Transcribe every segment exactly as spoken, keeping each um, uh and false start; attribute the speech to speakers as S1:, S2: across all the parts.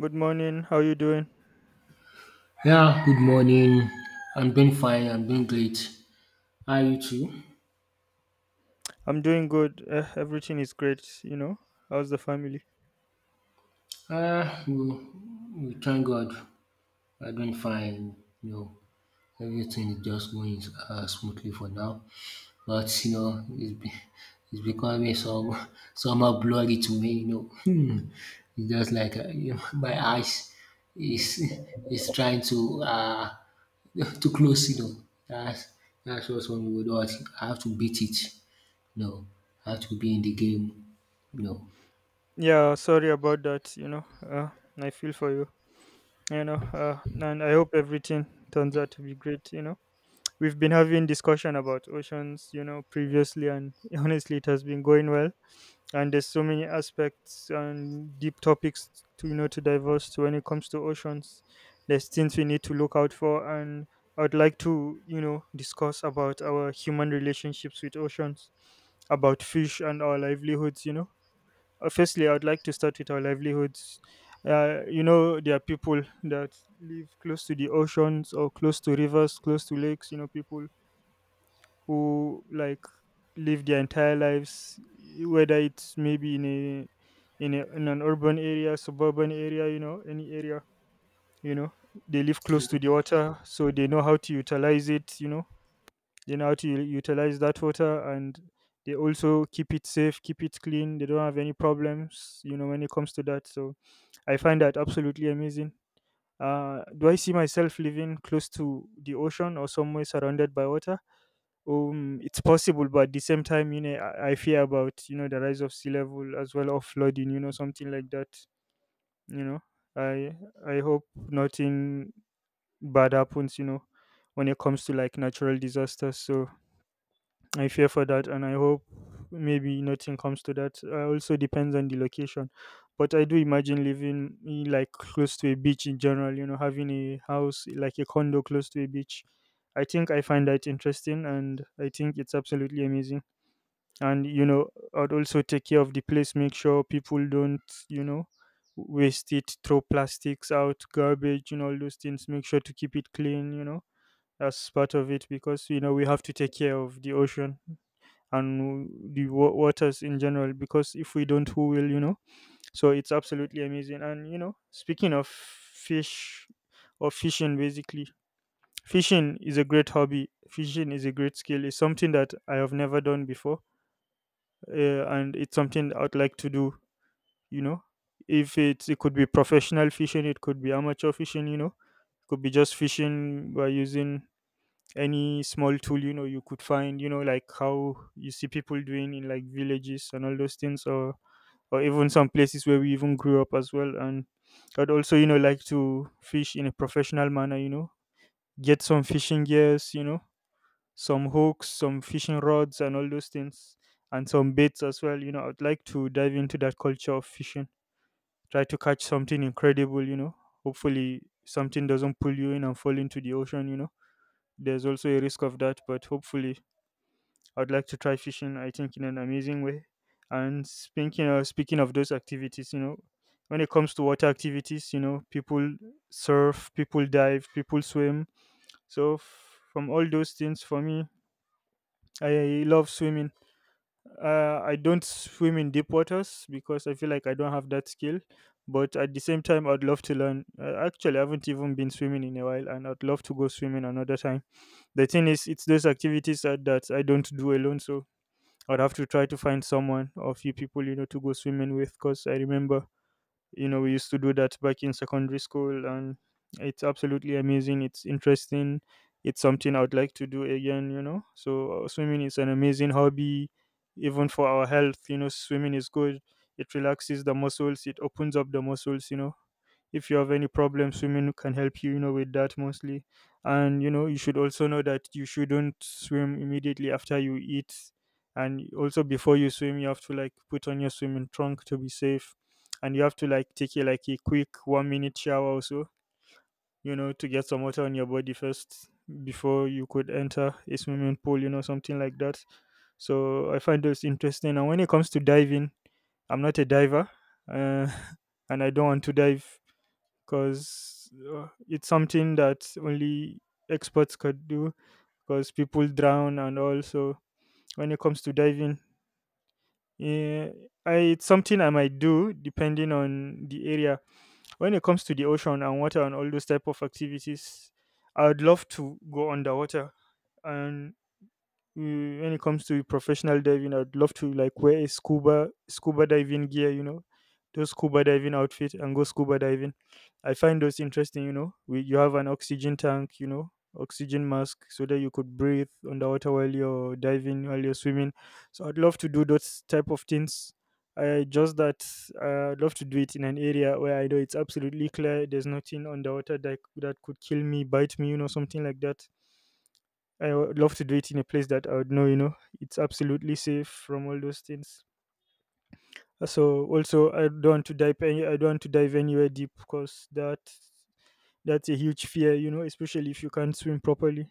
S1: Good morning. How you doing?
S2: Yeah, good morning. I'm doing fine. I'm doing great. How are you too?
S1: I'm doing good. Uh, everything is great, you know. How's the family?
S2: Ah, we, we thank God. I'm doing fine. You know, everything is just going uh, smoothly for now. But you know, it's, be, it's becoming some somehow blurry to me. You know, hmm. it's just like uh, you know, my eyes is is trying to uh to close. You know, that's that's just one word. I have to beat it. No, I had to be in the game. No.
S1: Yeah, sorry about that, you know. Uh, I feel for you, you know. Uh, and I hope everything turns out to be great, you know. We've been having discussion about oceans, you know, previously and honestly it has been going well. And there's so many aspects and deep topics to, you know, to diverse to when it comes to oceans. There's things we need to look out for, and I would like to, you know, discuss about our human relationships with oceans, about fish and our livelihoods, you know Uh, firstly I would like to start with our livelihoods. Uh, you know, there are people that live close to the oceans, or close to rivers, close to lakes, you know, people who like live their entire lives, whether it's maybe in a in, a, in an urban area, suburban area, you know, any area, you know, they live close to the water, so they know how to utilize it, you know. They know how to u- utilize that water, and they also keep it safe, keep it clean. They don't have any problems, you know, when it comes to that, so I find that absolutely amazing. Uh, do I see myself living close to the ocean or somewhere surrounded by water? Um, it's possible, but at the same time, you know, I, I fear about, you know, the rise of sea level as well, or flooding, you know, something like that. You know, I I hope nothing bad happens, you know, when it comes to like natural disasters. So I fear for that, and I hope maybe nothing comes to that. Uh, also depends on the location, but I do imagine living eh, like close to a beach in general. You know, having a house like a condo close to a beach. I think I find that interesting, and I think it's absolutely amazing. And you know, I'd also take care of the place, make sure people don't, you know, waste it, throw plastics out, garbage, and all those things. Make sure to keep it clean, you know. That's part of it, because you know, we have to take care of the ocean and the wa- waters in general, because if we don't, who will, you know? So it's absolutely amazing. And you know, speaking of fish, or fishing basically, fishing is a great hobby, fishing is a great skill. It's something that I have never done before, uh, and it's something I'd like to do. You know, if it's it could be professional fishing, it could be amateur fishing. You know, it could be just fishing by using any small tool, you know, you could find. You know, like how you see people doing in like villages and all those things, or or even some places where we even grew up as well. And I'd also, you know, like to fish in a professional manner. You know, get some fishing gears. You know, some hooks, some fishing rods, and all those things, and some baits as well. You know, I'd like to dive into that culture of fishing, try to catch something incredible. You know, hopefully something doesn't pull you in and fall into the ocean. You know, there's also a risk of that, but hopefully I'd like to try fishing. I think in an amazing way. And speaking of, speaking of those activities, you know, when it comes to water activities, you know, people surf, people dive, people swim. So f- from all those things, for me, I love swimming. Uh, I don't swim in deep waters because I feel like I don't have that skill. But at the same time, I'd love to learn. Uh, actually, I haven't even been swimming in a while, and I'd love to go swimming another time. The thing is, it's those activities that, that I don't do alone, so I'd have to try to find someone or a few people, you know, to go swimming with. Because I remember, you know, we used to do that back in secondary school, and it's absolutely amazing, it's interesting, it's something I would like to do again, you know. So uh, swimming is an amazing hobby, even for our health. You know, swimming is good, it relaxes the muscles, it opens up the muscles, you know. If you have any problems, swimming can help you, you know, with that mostly. And you know, you should also know that you shouldn't swim immediately after you eat. And also before you swim, you have to like put on your swimming trunk to be safe. And you have to like take a like a quick one minute shower also, you know, to get some water on your body first before you could enter a swimming pool, you know, something like that. So I find those interesting. And when it comes to diving, I'm not a diver, uh, and I don't want to dive, because uh, it's something that only experts could do, because people drown. And also when it comes to diving, yeah, I, it's something I might do depending on the area. When it comes to the ocean and water and all those type of activities, I would love to go underwater. And Mm, when it comes to professional diving, I'd love to like wear a scuba scuba diving gear, you know, those scuba diving outfit and go scuba diving. I find those interesting. You know, we, you have an oxygen tank, you know, oxygen mask, so that you could breathe underwater while you're diving, while you're swimming. So I'd love to do those type of things. I just that uh, I'd love to do it in an area where I know it's absolutely clear, there's nothing underwater that, that could kill me, bite me, you know, something like that. I would love to do it in a place that I would know, you know, it's absolutely safe from all those things. Uh, So also, I don't want to dive any, I don't want to dive anywhere deep, because that that's a huge fear, you know, especially if you can't swim properly.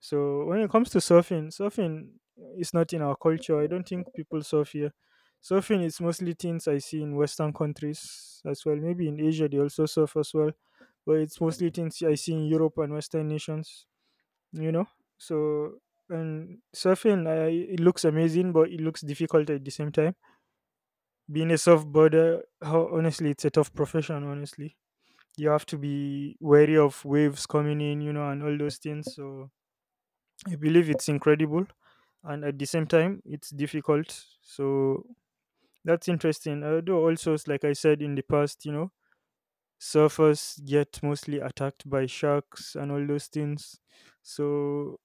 S1: So when it comes to surfing, surfing is not in our culture. I don't think people surf here. Surfing is mostly things I see in Western countries as well. Maybe in Asia they also surf as well, but it's mostly things I see in Europe and Western nations, you know. So and surfing, I, it looks amazing, but it looks difficult at the same time. Being a surfboarder, ho- honestly it's a tough profession, honestly. You have to be wary of waves coming in, you know, and all those things. So I believe it's incredible, and at the same time it's difficult. So that's interesting. Although also it's like I said in the past, you know, surfers get mostly attacked by sharks and all those things. So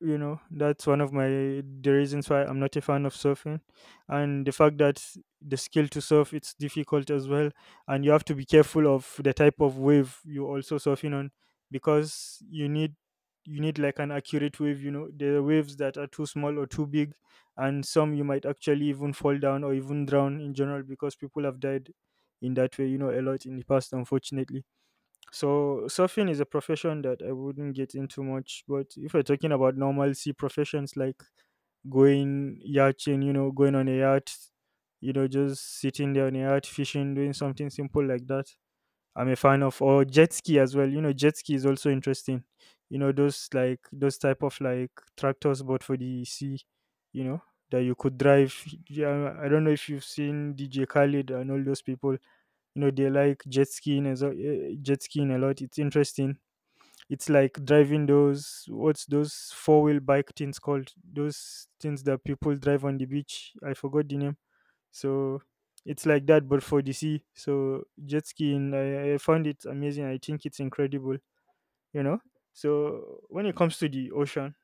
S1: you know, that's one of my the reasons why I'm not a fan of surfing. And the fact that the skill to surf, it's difficult as well. And you have to be careful of the type of wave you also surfing on, because you need you need like an accurate wave, you know. There are waves that are too small or too big, and some you might actually even fall down or even drown in general, because people have died in that way, you know, a lot in the past, unfortunately. So surfing is a profession that I wouldn't get into much. But if we're talking about normal sea professions like going yachting, you know, going on a yacht, you know, just sitting there on a yacht, fishing, doing something simple like that. I'm a fan of, or jet ski as well. You know, jet ski is also interesting. You know, those like those type of like tractors but for the sea, you know, that you could drive. Yeah, I don't know if you've seen D J Khaled and all those people, you know, they like jet skiing as well, eh, jet skiing a lot. It's interesting. It's like driving those what's those four-wheel bike things called, those things that people drive on the beach, I forgot the name. So it's like that but for the sea. So jet skiing, i, I found it amazing, I think it's incredible, you know. So when it comes to the ocean,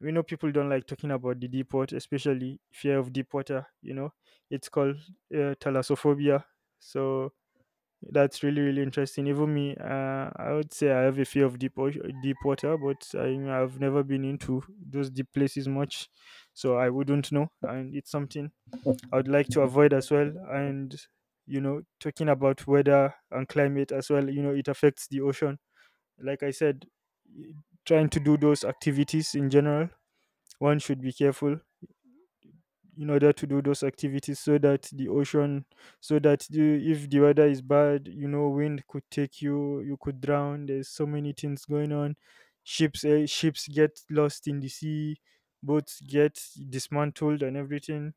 S1: we know people don't like talking about the deep water, especially fear of deep water, you know. It's called uh, thalassophobia. So that's really really interesting. Even me, uh, I would say I have a fear of deep ocean, deep water, but I, I've never been into those deep places much, so I wouldn't know. And it's something I would like to avoid as well. And you know, talking about weather and climate as well, you know, it affects the ocean. Like I said, y- trying to do those activities in general, one should be careful in order to do those activities so that the ocean, so that the, if the weather is bad, you know, wind could take you, you could drown, there's so many things going on. Ships, eh, ships get lost in the sea, boats get dismantled and everything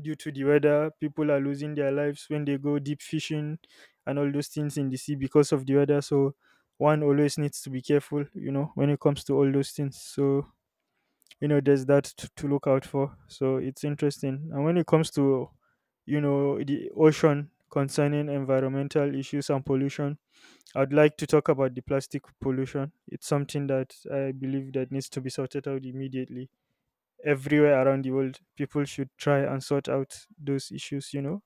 S1: due to the weather. People are losing their lives when they go deep fishing and all those things in the sea because of the weather. So one always needs to be careful, you know, when it comes to all those things. So you know, there's that t- to look out for, so it's interesting. And when it comes to, you know, the ocean concerning environmental issues and pollution, I'd like to talk about the plastic pollution. It's something that I believe that needs to be sorted out immediately. Everywhere around the world, people should try and sort out those issues, you know.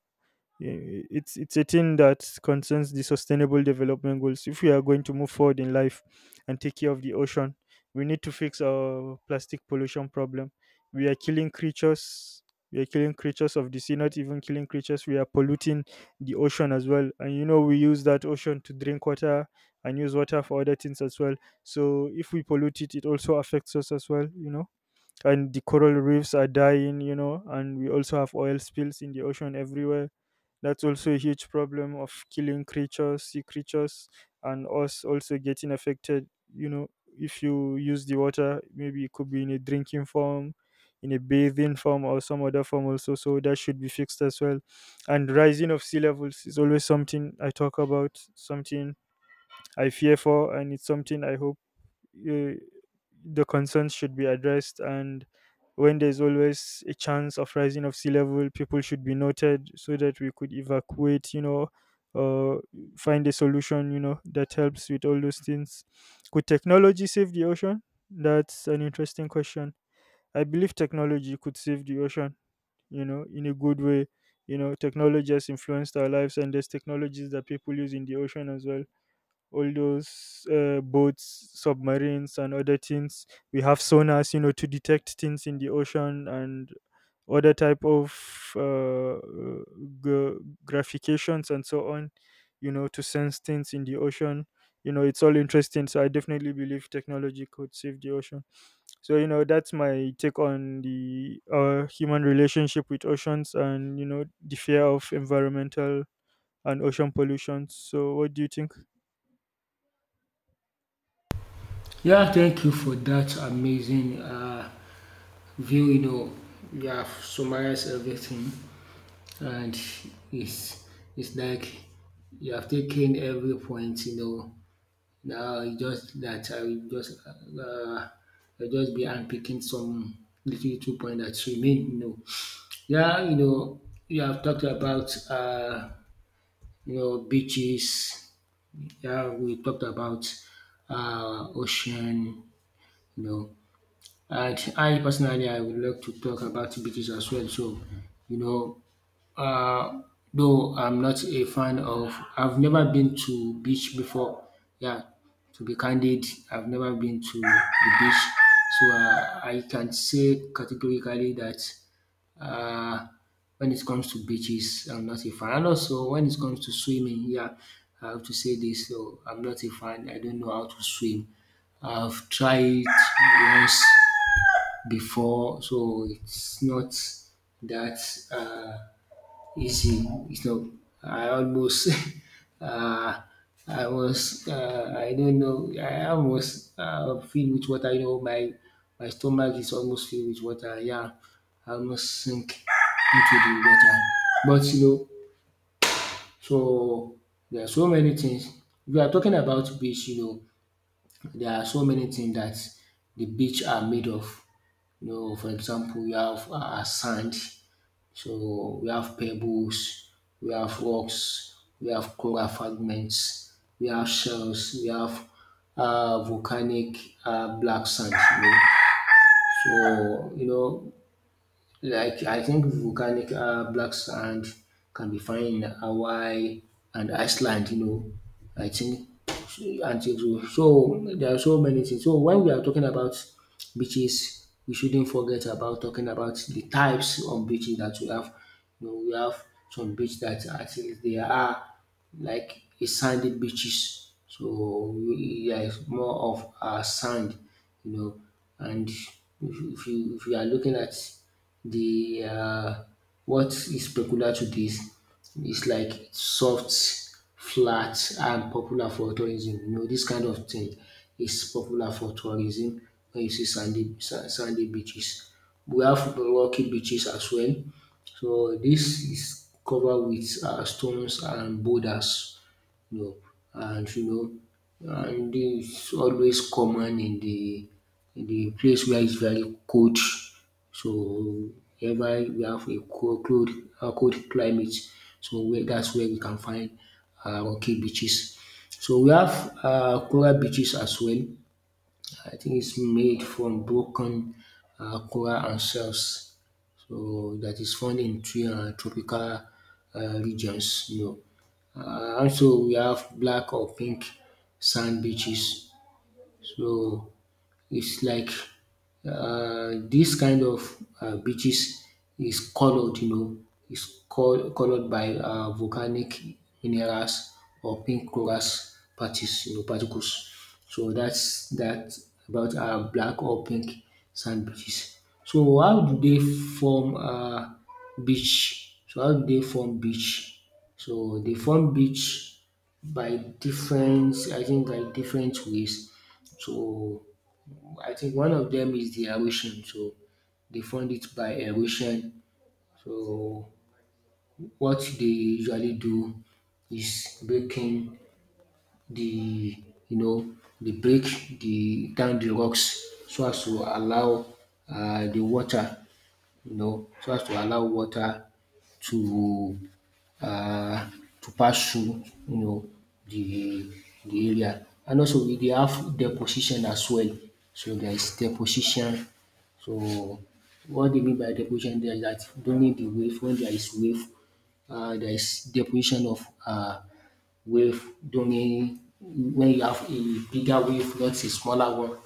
S1: I- it's it's a thing that concerns the sustainable development goals. If we are going to move forward in life and take care of the ocean, we need to fix our plastic pollution problem. We are killing creatures, we are killing creatures of the sea. Not even killing creatures, we are polluting the ocean as well. And you know, we use that ocean to drink water and use water for other things as well. So if we pollute it, it also affects us as well, you know. And the coral reefs are dying, you know, and we also have oil spills in the ocean everywhere. That's also a huge problem of killing creatures, sea creatures, and us also getting affected, you know. If you use the water, maybe it could be in a drinking form, in a bathing form or some other form also, so that should be fixed as well. And rising of sea levels is always something I talk about, something I fear for, and it's something I hope, uh, the concerns should be addressed. And when there's always a chance of rising of sea level, people should be noted so that we could evacuate, you know, uh, find a solution, you know, that helps with all those things. Could technology save the ocean? That's an interesting question. I believe technology could save the ocean, you know, in a good way. You know, technology has influenced our lives, and there's technologies that people use in the ocean as well. All those uh, boats, submarines, and other things. We have sonars, you know, to detect things in the ocean and other type of, uh, g- graphications and so on. You know, to sense things in the ocean. You know, it's all interesting. So I definitely believe technology could save the ocean. So you know, that's my take on the uh, human relationship with oceans and you know the fear of environmental and ocean pollution. So what do you think?
S2: Yeah, thank you for that amazing uh, view. You know, you have summarized everything, and it's it's like you have taken every point. You know, now it's just that I will just uh, I'll just be unpicking some little little point that remain. You know, yeah, you know, you have talked about uh, you know beaches. Yeah, we talked about uh, ocean, you know. And I personally, I would like to talk about beaches as well. So, you know, uh, though I'm not a fan of, I've never been to beach before. Yeah, to be candid, I've never been to the beach, so uh, I can say categorically that uh, when it comes to beaches, I'm not a fan. And also, when it comes to swimming, yeah, I have to say this. So I'm not a fan. I don't know how to swim. I've tried once before, so it's not that. Uh, Easy, it's not. I almost, uh, I was, uh, I don't know, I almost uh, filled with water. You know, my my stomach is almost filled with water. Yeah, I almost sink into the water. But you know, so there are so many things. We are talking about beach. You know, there are so many things that the beach are made of. You know, for example, you have uh, sand. So we have pebbles, we have rocks, we have coral fragments, we have shells, we have uh, volcanic uh, black sand. You know? So, you know, like I think volcanic uh, black sand can be found in Hawaii and Iceland. You know, I think and so, so so, there are so many things. So when we are talking about beaches, we shouldn't forget about talking about the types of beaches that we have. You know, we have some beaches that actually they are like a sandy beaches. So we- there is more of uh, sand, you know, and if, if you if you are looking at the uh, what is peculiar to this is like soft, flat, and popular for tourism. You know, this kind of thing is popular for tourism when you see sandy sa- sandy beaches. We have rocky beaches as well. So this is covered with uh, stones and boulders. No, and you know, and it's always common in the in the place where it's very cold. So ever we have a cold, cold, uh, cold climate, so where that's where we can find uh, rocky beaches. So we have uh, coral beaches as well. I think it's made from broken uh, coral and shells, so that is found in um tropical um regions, you know. Uh, Also we have black or pink sand beaches, so it's like uh, this kind of uh, beaches is colored, you know, is col- colored by uh, volcanic minerals or pink corals parties, you know, particles. So that's that about uh, black or pink sand beaches. So how do they form uh, beach? So how do they form beach? So they form beach by different, I think, by different ways. So I think one of them is the erosion. So they fund it by erosion. So what they usually do is breaking the you know the break the down the rocks so as to allow um the water, you know, so as to allow water to um to pass through, you know, the the area, and also we dey have deposition as well. So there is deposition. So what dey mean by deposition there is dat during the wave when there is wave um there is deposition of um wave doing when you have a bigger wave, not a smaller one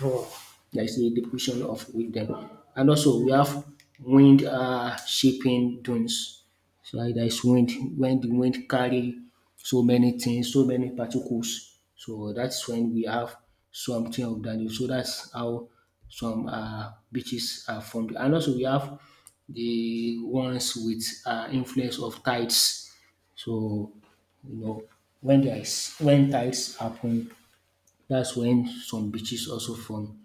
S2: raw. There is a depletion of with them. And also we have wind um shaping dunes. So like there is wind when the wind carry so many things, so many particles. So that's when we have something of that. So that's how some um beaches are formed. And also we have the ones with um influence of tides. So you know when there is when tides happen, that's when some beaches also form.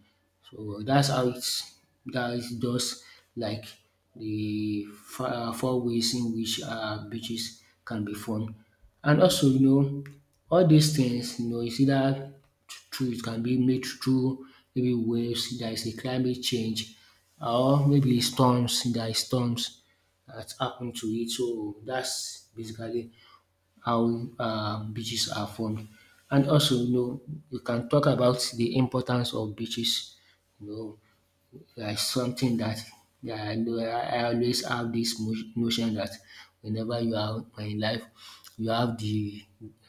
S2: So that's how it's that is just like the four, uh, four ways in which uh, beaches can be formed. And also, you know, all these things, you know, it's either through it can be made through maybe waves, there is a climate change, or maybe storms, there is storms that happen to it. So that's basically how uh, beaches are formed. And also, you know, you can talk about the importance of beaches. You know, yeah, something that yeah, I know I I always have this mo- notion that whenever you are in life, you have the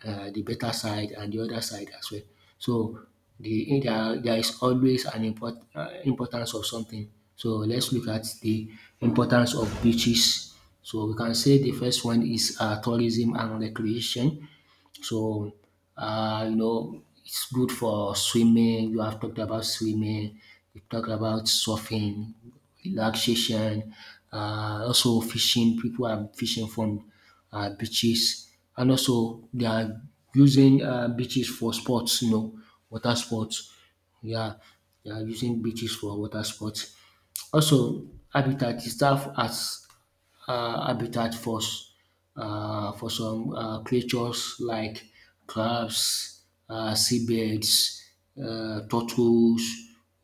S2: uh, the better side and the other side as well. So the eh, there, there is always an import, uh, importance of something. So let's look at the importance of beaches. So we can say the first one is uh, tourism and recreation. So, uh, you know, it's good for swimming. You have talked about swimming. You talked about surfing, relaxation. Uh, also fishing. People are fishing from uh, beaches, and also they are using uh, beaches for sports. You know, water sports. Yeah, they are using beaches for water sports. Also, habitat is serve as uh, habitat for s- uh, for some uh, creatures like crabs, uh, seabirds, uh, turtles,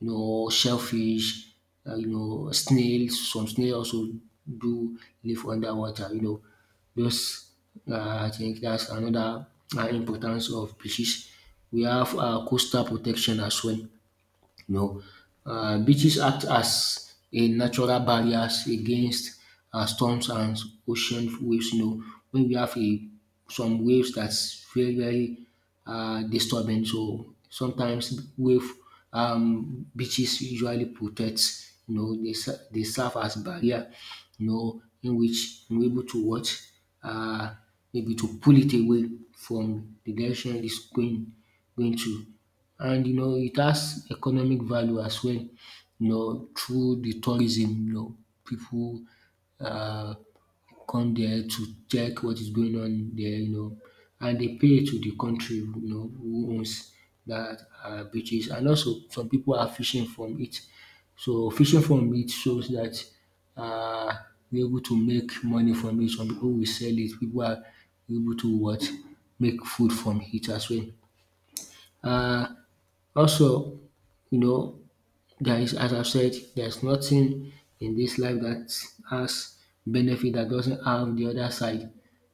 S2: you know, shellfish, uh, you know, snails. Some snails also do live underwater. You know, those uh, I think that's another uh, importance of species. We have uh, coastal protection as well. You know, uh, beaches act as a natural barriers against uh, storms and ocean waves. You know, when we have a some waves that's very very uh, disturbing, so sometimes wave um, beaches usually protect. You know, they ser- they serve as barrier. You know, in which we are able to watch. Uh, Maybe to pull it away from the direction it's going going to, and you know it has economic value as well. You know, through the tourism, you know, people uh, come there to check what is going on there. You know, and they pay to the country. You know who owns that uh, beaches, and also some people are fishing from it. So fishing from it shows that uh, we're able to make money from it. Some people will sell it. People are able to what make food from it as well. Uh, Also, you know, there is, as I've said, there's nothing in this life that has benefit that doesn't have the other side.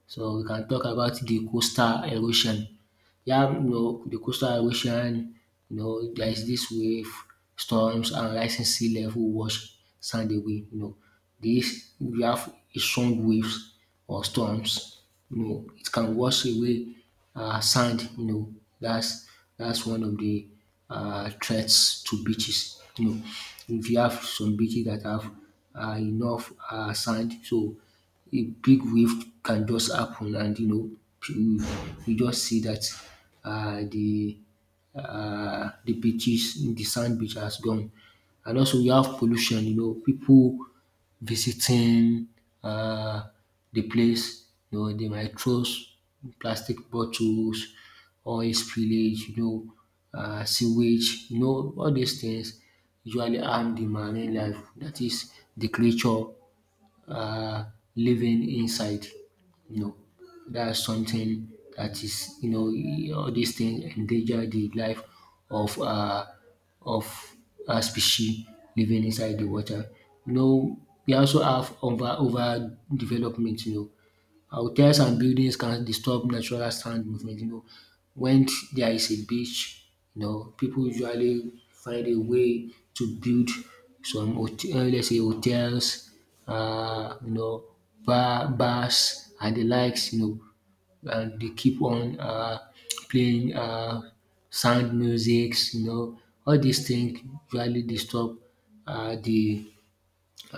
S2: So we can talk about the coastal erosion. Yeah, you know the coastal erosion, you know there is this wave, storms and rising sea level wash sand away. You know, this we have a strong waves or storms. You know it can wash away um sand. You know, that's that's one of the um threats to beaches. You know, if you have some beaches that have um enough um sand, so a big wave can just happen, and you know you you just see that uh, the uh, the beaches, the sand beach has gone. And also we have pollution, you know, people visiting uh, the place, you know, they might throw s- plastic bottles, oil spillage, you know, uh, sewage, you know, all these things usually harm the marine life, that is the creature uh, living inside. You know, that's something that is, you know, all these things endanger the life of uh, of a species living inside the water. You know, we also have over over development. You know, hotels and buildings can disturb natural sand movement. You know, when there is a beach, you know, people usually find a way to build some hotel, let's say hotels, uh, you know, bar, bars and the likes, you know, and they keep on uh, playing uh, sound musics, you know, all these things usually disturb uh, the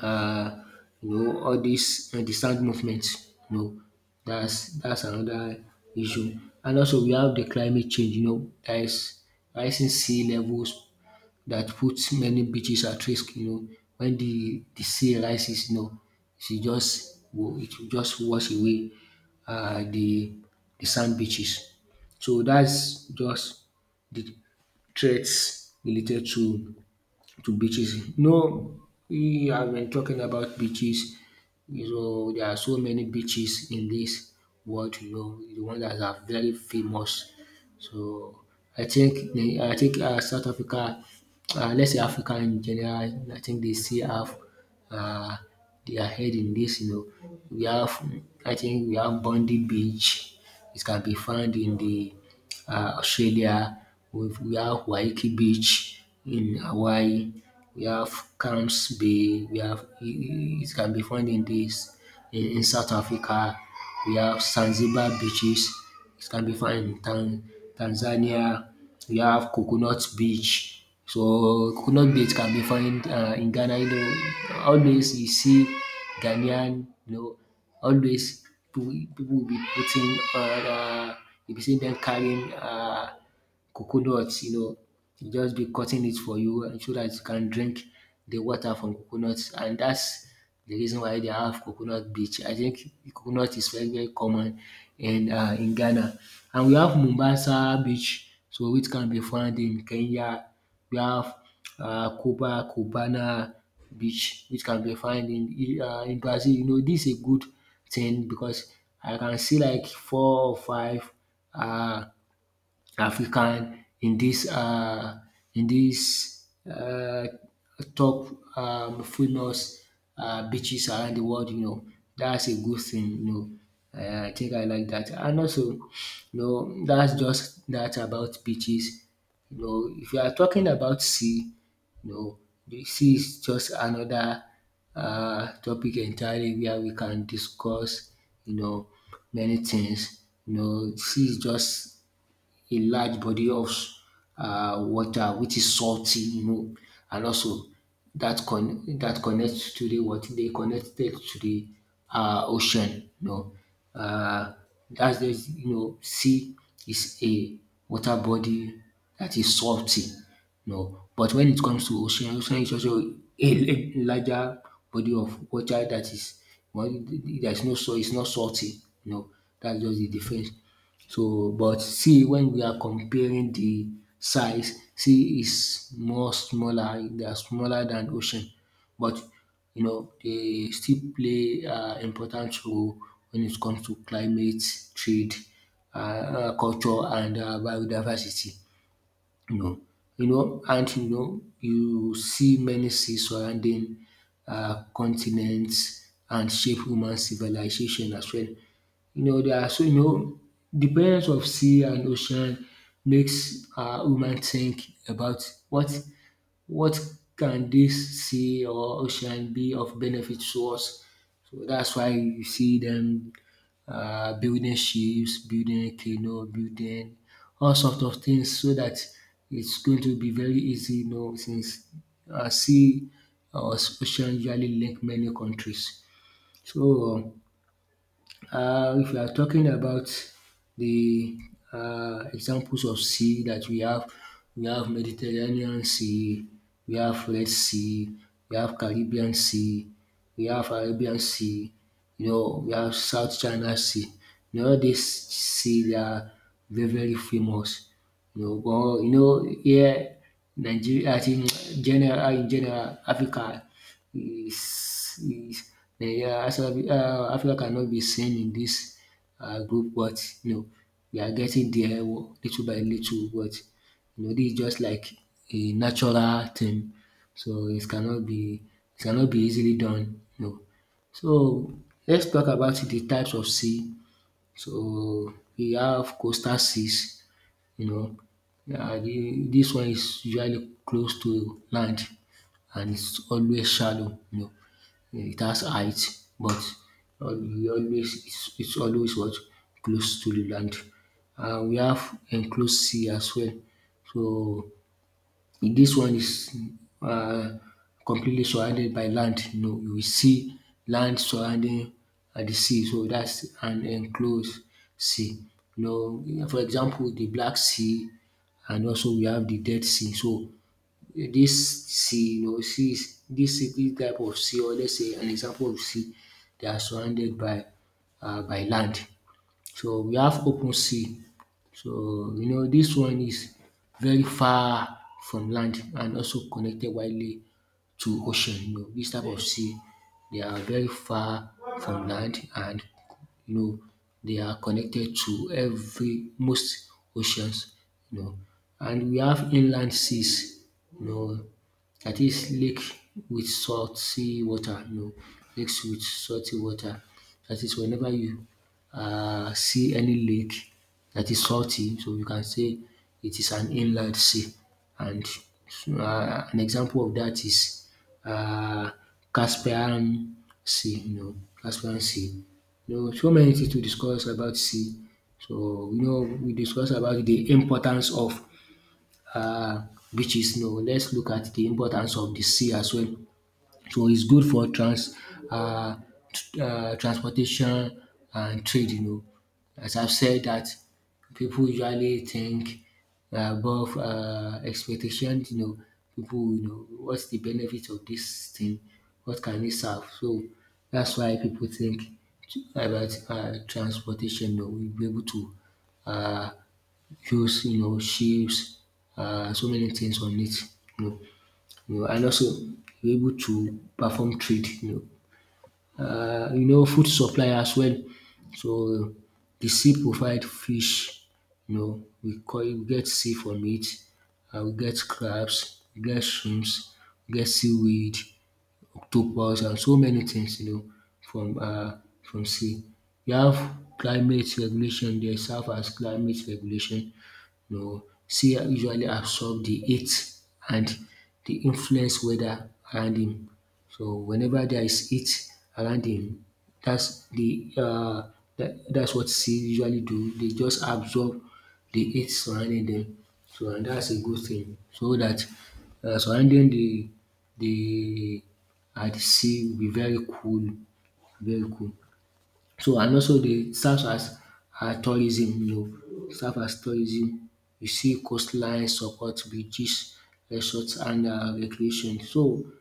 S2: uh, you know, all these uh, the sand movement. You know, that's that's another issue. And also we have the climate change. You know, there is rising sea levels that puts many beaches at risk. You know, when the the sea rises, you know, it will just will- it will just wash away uh, the the sand beaches. So that's just the threats related to to beaches. No, we have been talking about beaches. So there are so many beaches in this world, you know, the ones that are very famous. So I think the I think um South Africa, um let's say Africa in general, I think they still have uh, they are ahead in this. You know, we have, I think we have Bondi beach. It can be found in the um Australia. We we have Waikiki beach in Hawaii, we have Camps Bay, we have it it can be found in dis in in South Africa, we have Zanzibar beaches, it can be found in Tan Tanzania. We have Coconut Beach. So Coconut Beach can be found Uh, in Ghana. You know, always you see Ghanaian, you know, always people people will be putting, uh, you be seeing them carrying uh. coconuts, you know, he just be cutting it for you and so that you can drink the water from coconuts, and that's the reason why they have coconut beach. I think coconut is very, very common in um in Ghana. And we have Mombasa beach, so which can be found in Kenya. We have uh Cuba, Cubana beach, which can be found in uh in Brazil. You know, this is a good thing because I can see like four or five uh. African in this uh in this uh top, um famous, uh beaches around the world, you know, that's a good thing, you know. um I think I like that. And also, you know, dat's just that about beaches, you know. If you are talking about sea, you know, de sea is just another uh topic entirely where we can discuss, you know, many things. You know, sea is just a large body of uh, water which is salty, you know, and also that con- that connects to the, what, they connected to the uh, ocean. You know, uh, that's the, you know, sea is a water body that is salty. You know, but when it comes to ocean, ocean is also a larger body of water that is, well, there's no, so it's not salty. You know, that's just the difference. So but see, when we are comparing the size, sea is more smaller, they are smaller than ocean, but you know they still play um important role when it comes to climate, trade, um culture and um biodiversity, you know. You know, and you know, you see many seas surrounding uh, continents and shape human civilization as well. You know, there are, so you know, the presence of sea and ocean makes uh, human think about what what can this sea or ocean be of benefit to us. So that's why you see them um building ships, building a canoe, building all sorts of things so that it's going to be very easy, you know, since um sea or ocean usually link many countries. So um, uh, if we are talking about the uh, examples of sea that we have, we have Mediterranean Sea, we have Red Sea, we have Caribbean Sea, we have Arabian Sea, you know, we have South China Sea. You know, all these sea, they are very, very famous. You know, but you know, here Nigeria, I think, general in general, Africa is is Nigeria, um Africa cannot be seen in this um group, but you know, we are getting there, wo- little by little, but you know, this is just like a natural thing, so it cannot be, it cannot be easily done, you know. So let's talk about the types of sea. So we have coastal seas, you know, um dis one is usually close to land and it's always shallow, you know. Yeah, it has height, but uh, we always, it's it's always what, close to the land. And we have enclosed sea as well. So in this one is um completely surrounded by land. You know, you will see land surrounding um the sea. So that's an enclosed sea. You know, for example, the Black Sea, and also we have the Dead Sea. So this sea, you know, sea is this city type of sea, or let's say an example of sea, they are surrounded by uh, by land. So we have open sea. So you know this one is very far from land and also connected widely to ocean. You know, this type of sea, they are very far from land and you know, they are connected to every, most oceans, you know. And we have inland seas, you know, that is lake with salty water, no, lakes with salty water. That is, whenever you uh, see any lake that is salty, so you can say it is an inland sea. And uh, an example of that is uh, Caspian Sea, you know, Caspian Sea. You know, so many things to discuss about sea. So, you know, we discuss about the importance of uh, beaches, no. Let's look at the importance of the sea as well. So it's good for trans uh, t- uh, transportation and trade, you know. As I've said that people usually think above uh, expectation, you know, people, you know, what's the benefit of this thing? What can it serve? So that's why people think about uh, transportation, you know, we'll be able to uh, hues, you know, shapes, uh, so many things on it. You know, you know, and also you're able to perform trade. You know, uh, you know, food supply as well. So the sea provide fish. You know, we call, we get sea from it. Uh, we get crabs, we get shrimps, we get seaweed, octopus, and so many things. You know, from uh, from sea. You have climate regulation. They serve as climate regulation, you know, sea usually absorb the heat and the influence weather around him. So whenever there is heat around him, that's the uh, that, that's what sea usually do. They just absorb the heat surrounding them. So, and that's a good thing. So that uh, surrounding the the at the sea will be very cool, very cool. So and also dey serve as um tourism, you know, serve as tourism. You see coastline support bridges, resort and um recreation. So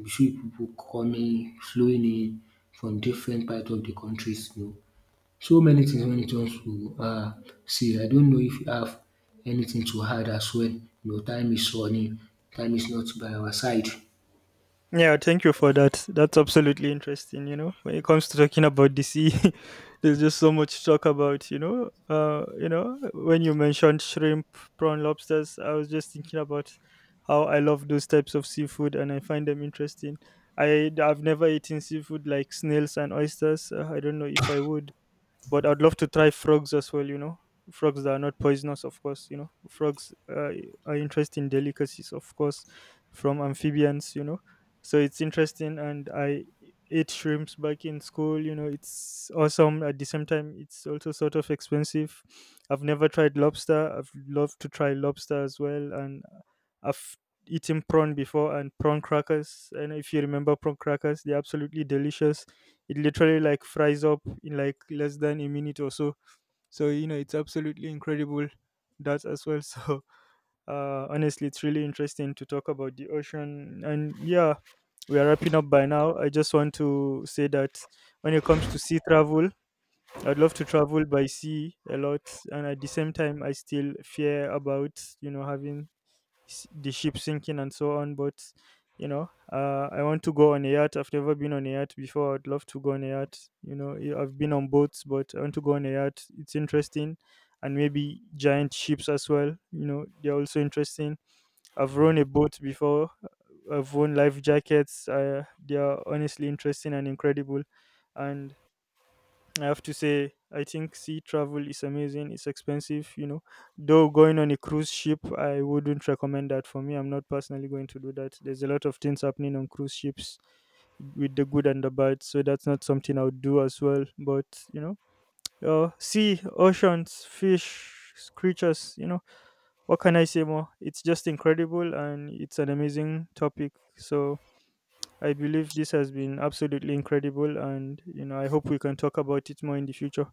S2: you see pipu coming flowing in from different part of de countries, you know. So many things wey you just um see. I don't know if you have anything to add as well, you know, time is running, time is not by our side.
S1: Yeah, thank you for that. That's absolutely interesting. You know, when it comes to talking about the sea, there's just so much to talk about. You know, uh, you know, when you mentioned shrimp, prawn, lobsters, I was just thinking about how I love those types of seafood and I find them interesting. I I've never eaten seafood like snails and oysters. Uh, I don't know if I would, but I'd love to try frogs as well. You know, frogs that are not poisonous, of course. You know, frogs uh, are interesting delicacies, of course, from amphibians. You know, so it's interesting, and I ate shrimps back in school. You know, it's awesome. At the same time, it's also sort of expensive. I've never tried lobster. I've loved to try lobster as well, and I've eaten prawn before and prawn crackers. And if you remember prawn crackers, they're absolutely delicious. It literally like fries up in like less than a minute or so. So you know, it's absolutely incredible that as well. So uh honestly, it's really interesting to talk about the ocean. And yeah, we are wrapping up by now. I just want to say that when it comes to sea travel, I'd love to travel by sea a lot, and at the same time I still fear about, you know, having s- the ship sinking and so on. But you know, uh, I want to go on a yacht. I've never been on a yacht before. I'd love to go on a yacht. You know, I- I've been on boats, but I want to go on a yacht. It's interesting, and maybe giant ships as well. You know, they're also interesting. I've run a boat before. I've worn life jackets. Uh, they are honestly interesting and incredible. And I have to say, I think sea travel is amazing. It's expensive, you know. Though going on a cruise ship, I wouldn't recommend that for me. I'm not personally going to do that. There's a lot of things happening on cruise ships with the good and the bad. So that's not something I would do as well. But, you know, uh, sea, oceans, fish, creatures, you know, what can I say more? It's just incredible, and it's an amazing topic. So I believe this has been absolutely incredible, and you know, I hope we can talk about it more in the future.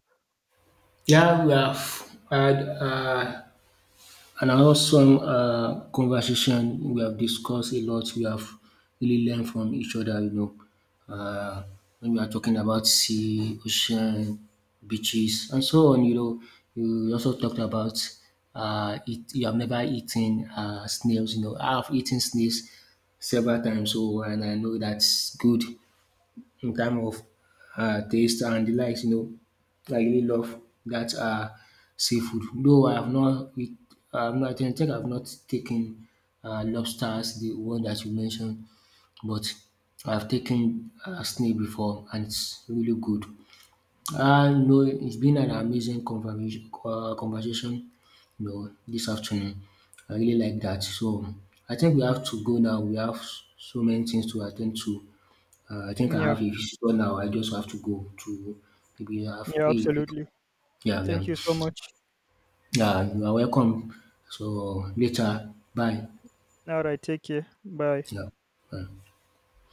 S2: Yeah, we have had, um And another some um conversation, we have discussed a lot, we have really learned from each other, you know. Um when we are talking about sea, ocean, beaches and so on, you know. You also talked about um eat you have never eaten um snails, you know. I have eaten snails several times, so and I know that's good in time of uh, taste and the likes, you know. I really love that uh, seafood. Though I have not, eat- I have not, I think I have not taken uh, lobsters, the one that you mentioned, but I've taken uh, snake before and it's really good. Uh, no, it's been an amazing conversation, uh, conversation, you know, this afternoon. I really like that. So I think we have to go now. We have so many things to attend to. Uh, I think I
S1: Yeah,
S2: have a visitor now. I just have to go to maybe have
S1: yeah,
S2: a pick.
S1: absolutely.
S2: Yeah, yeah.
S1: Thank you so much.
S2: Yeah, you are welcome. So later, bye.
S1: All right, take care. Bye.
S2: Yeah. Bye.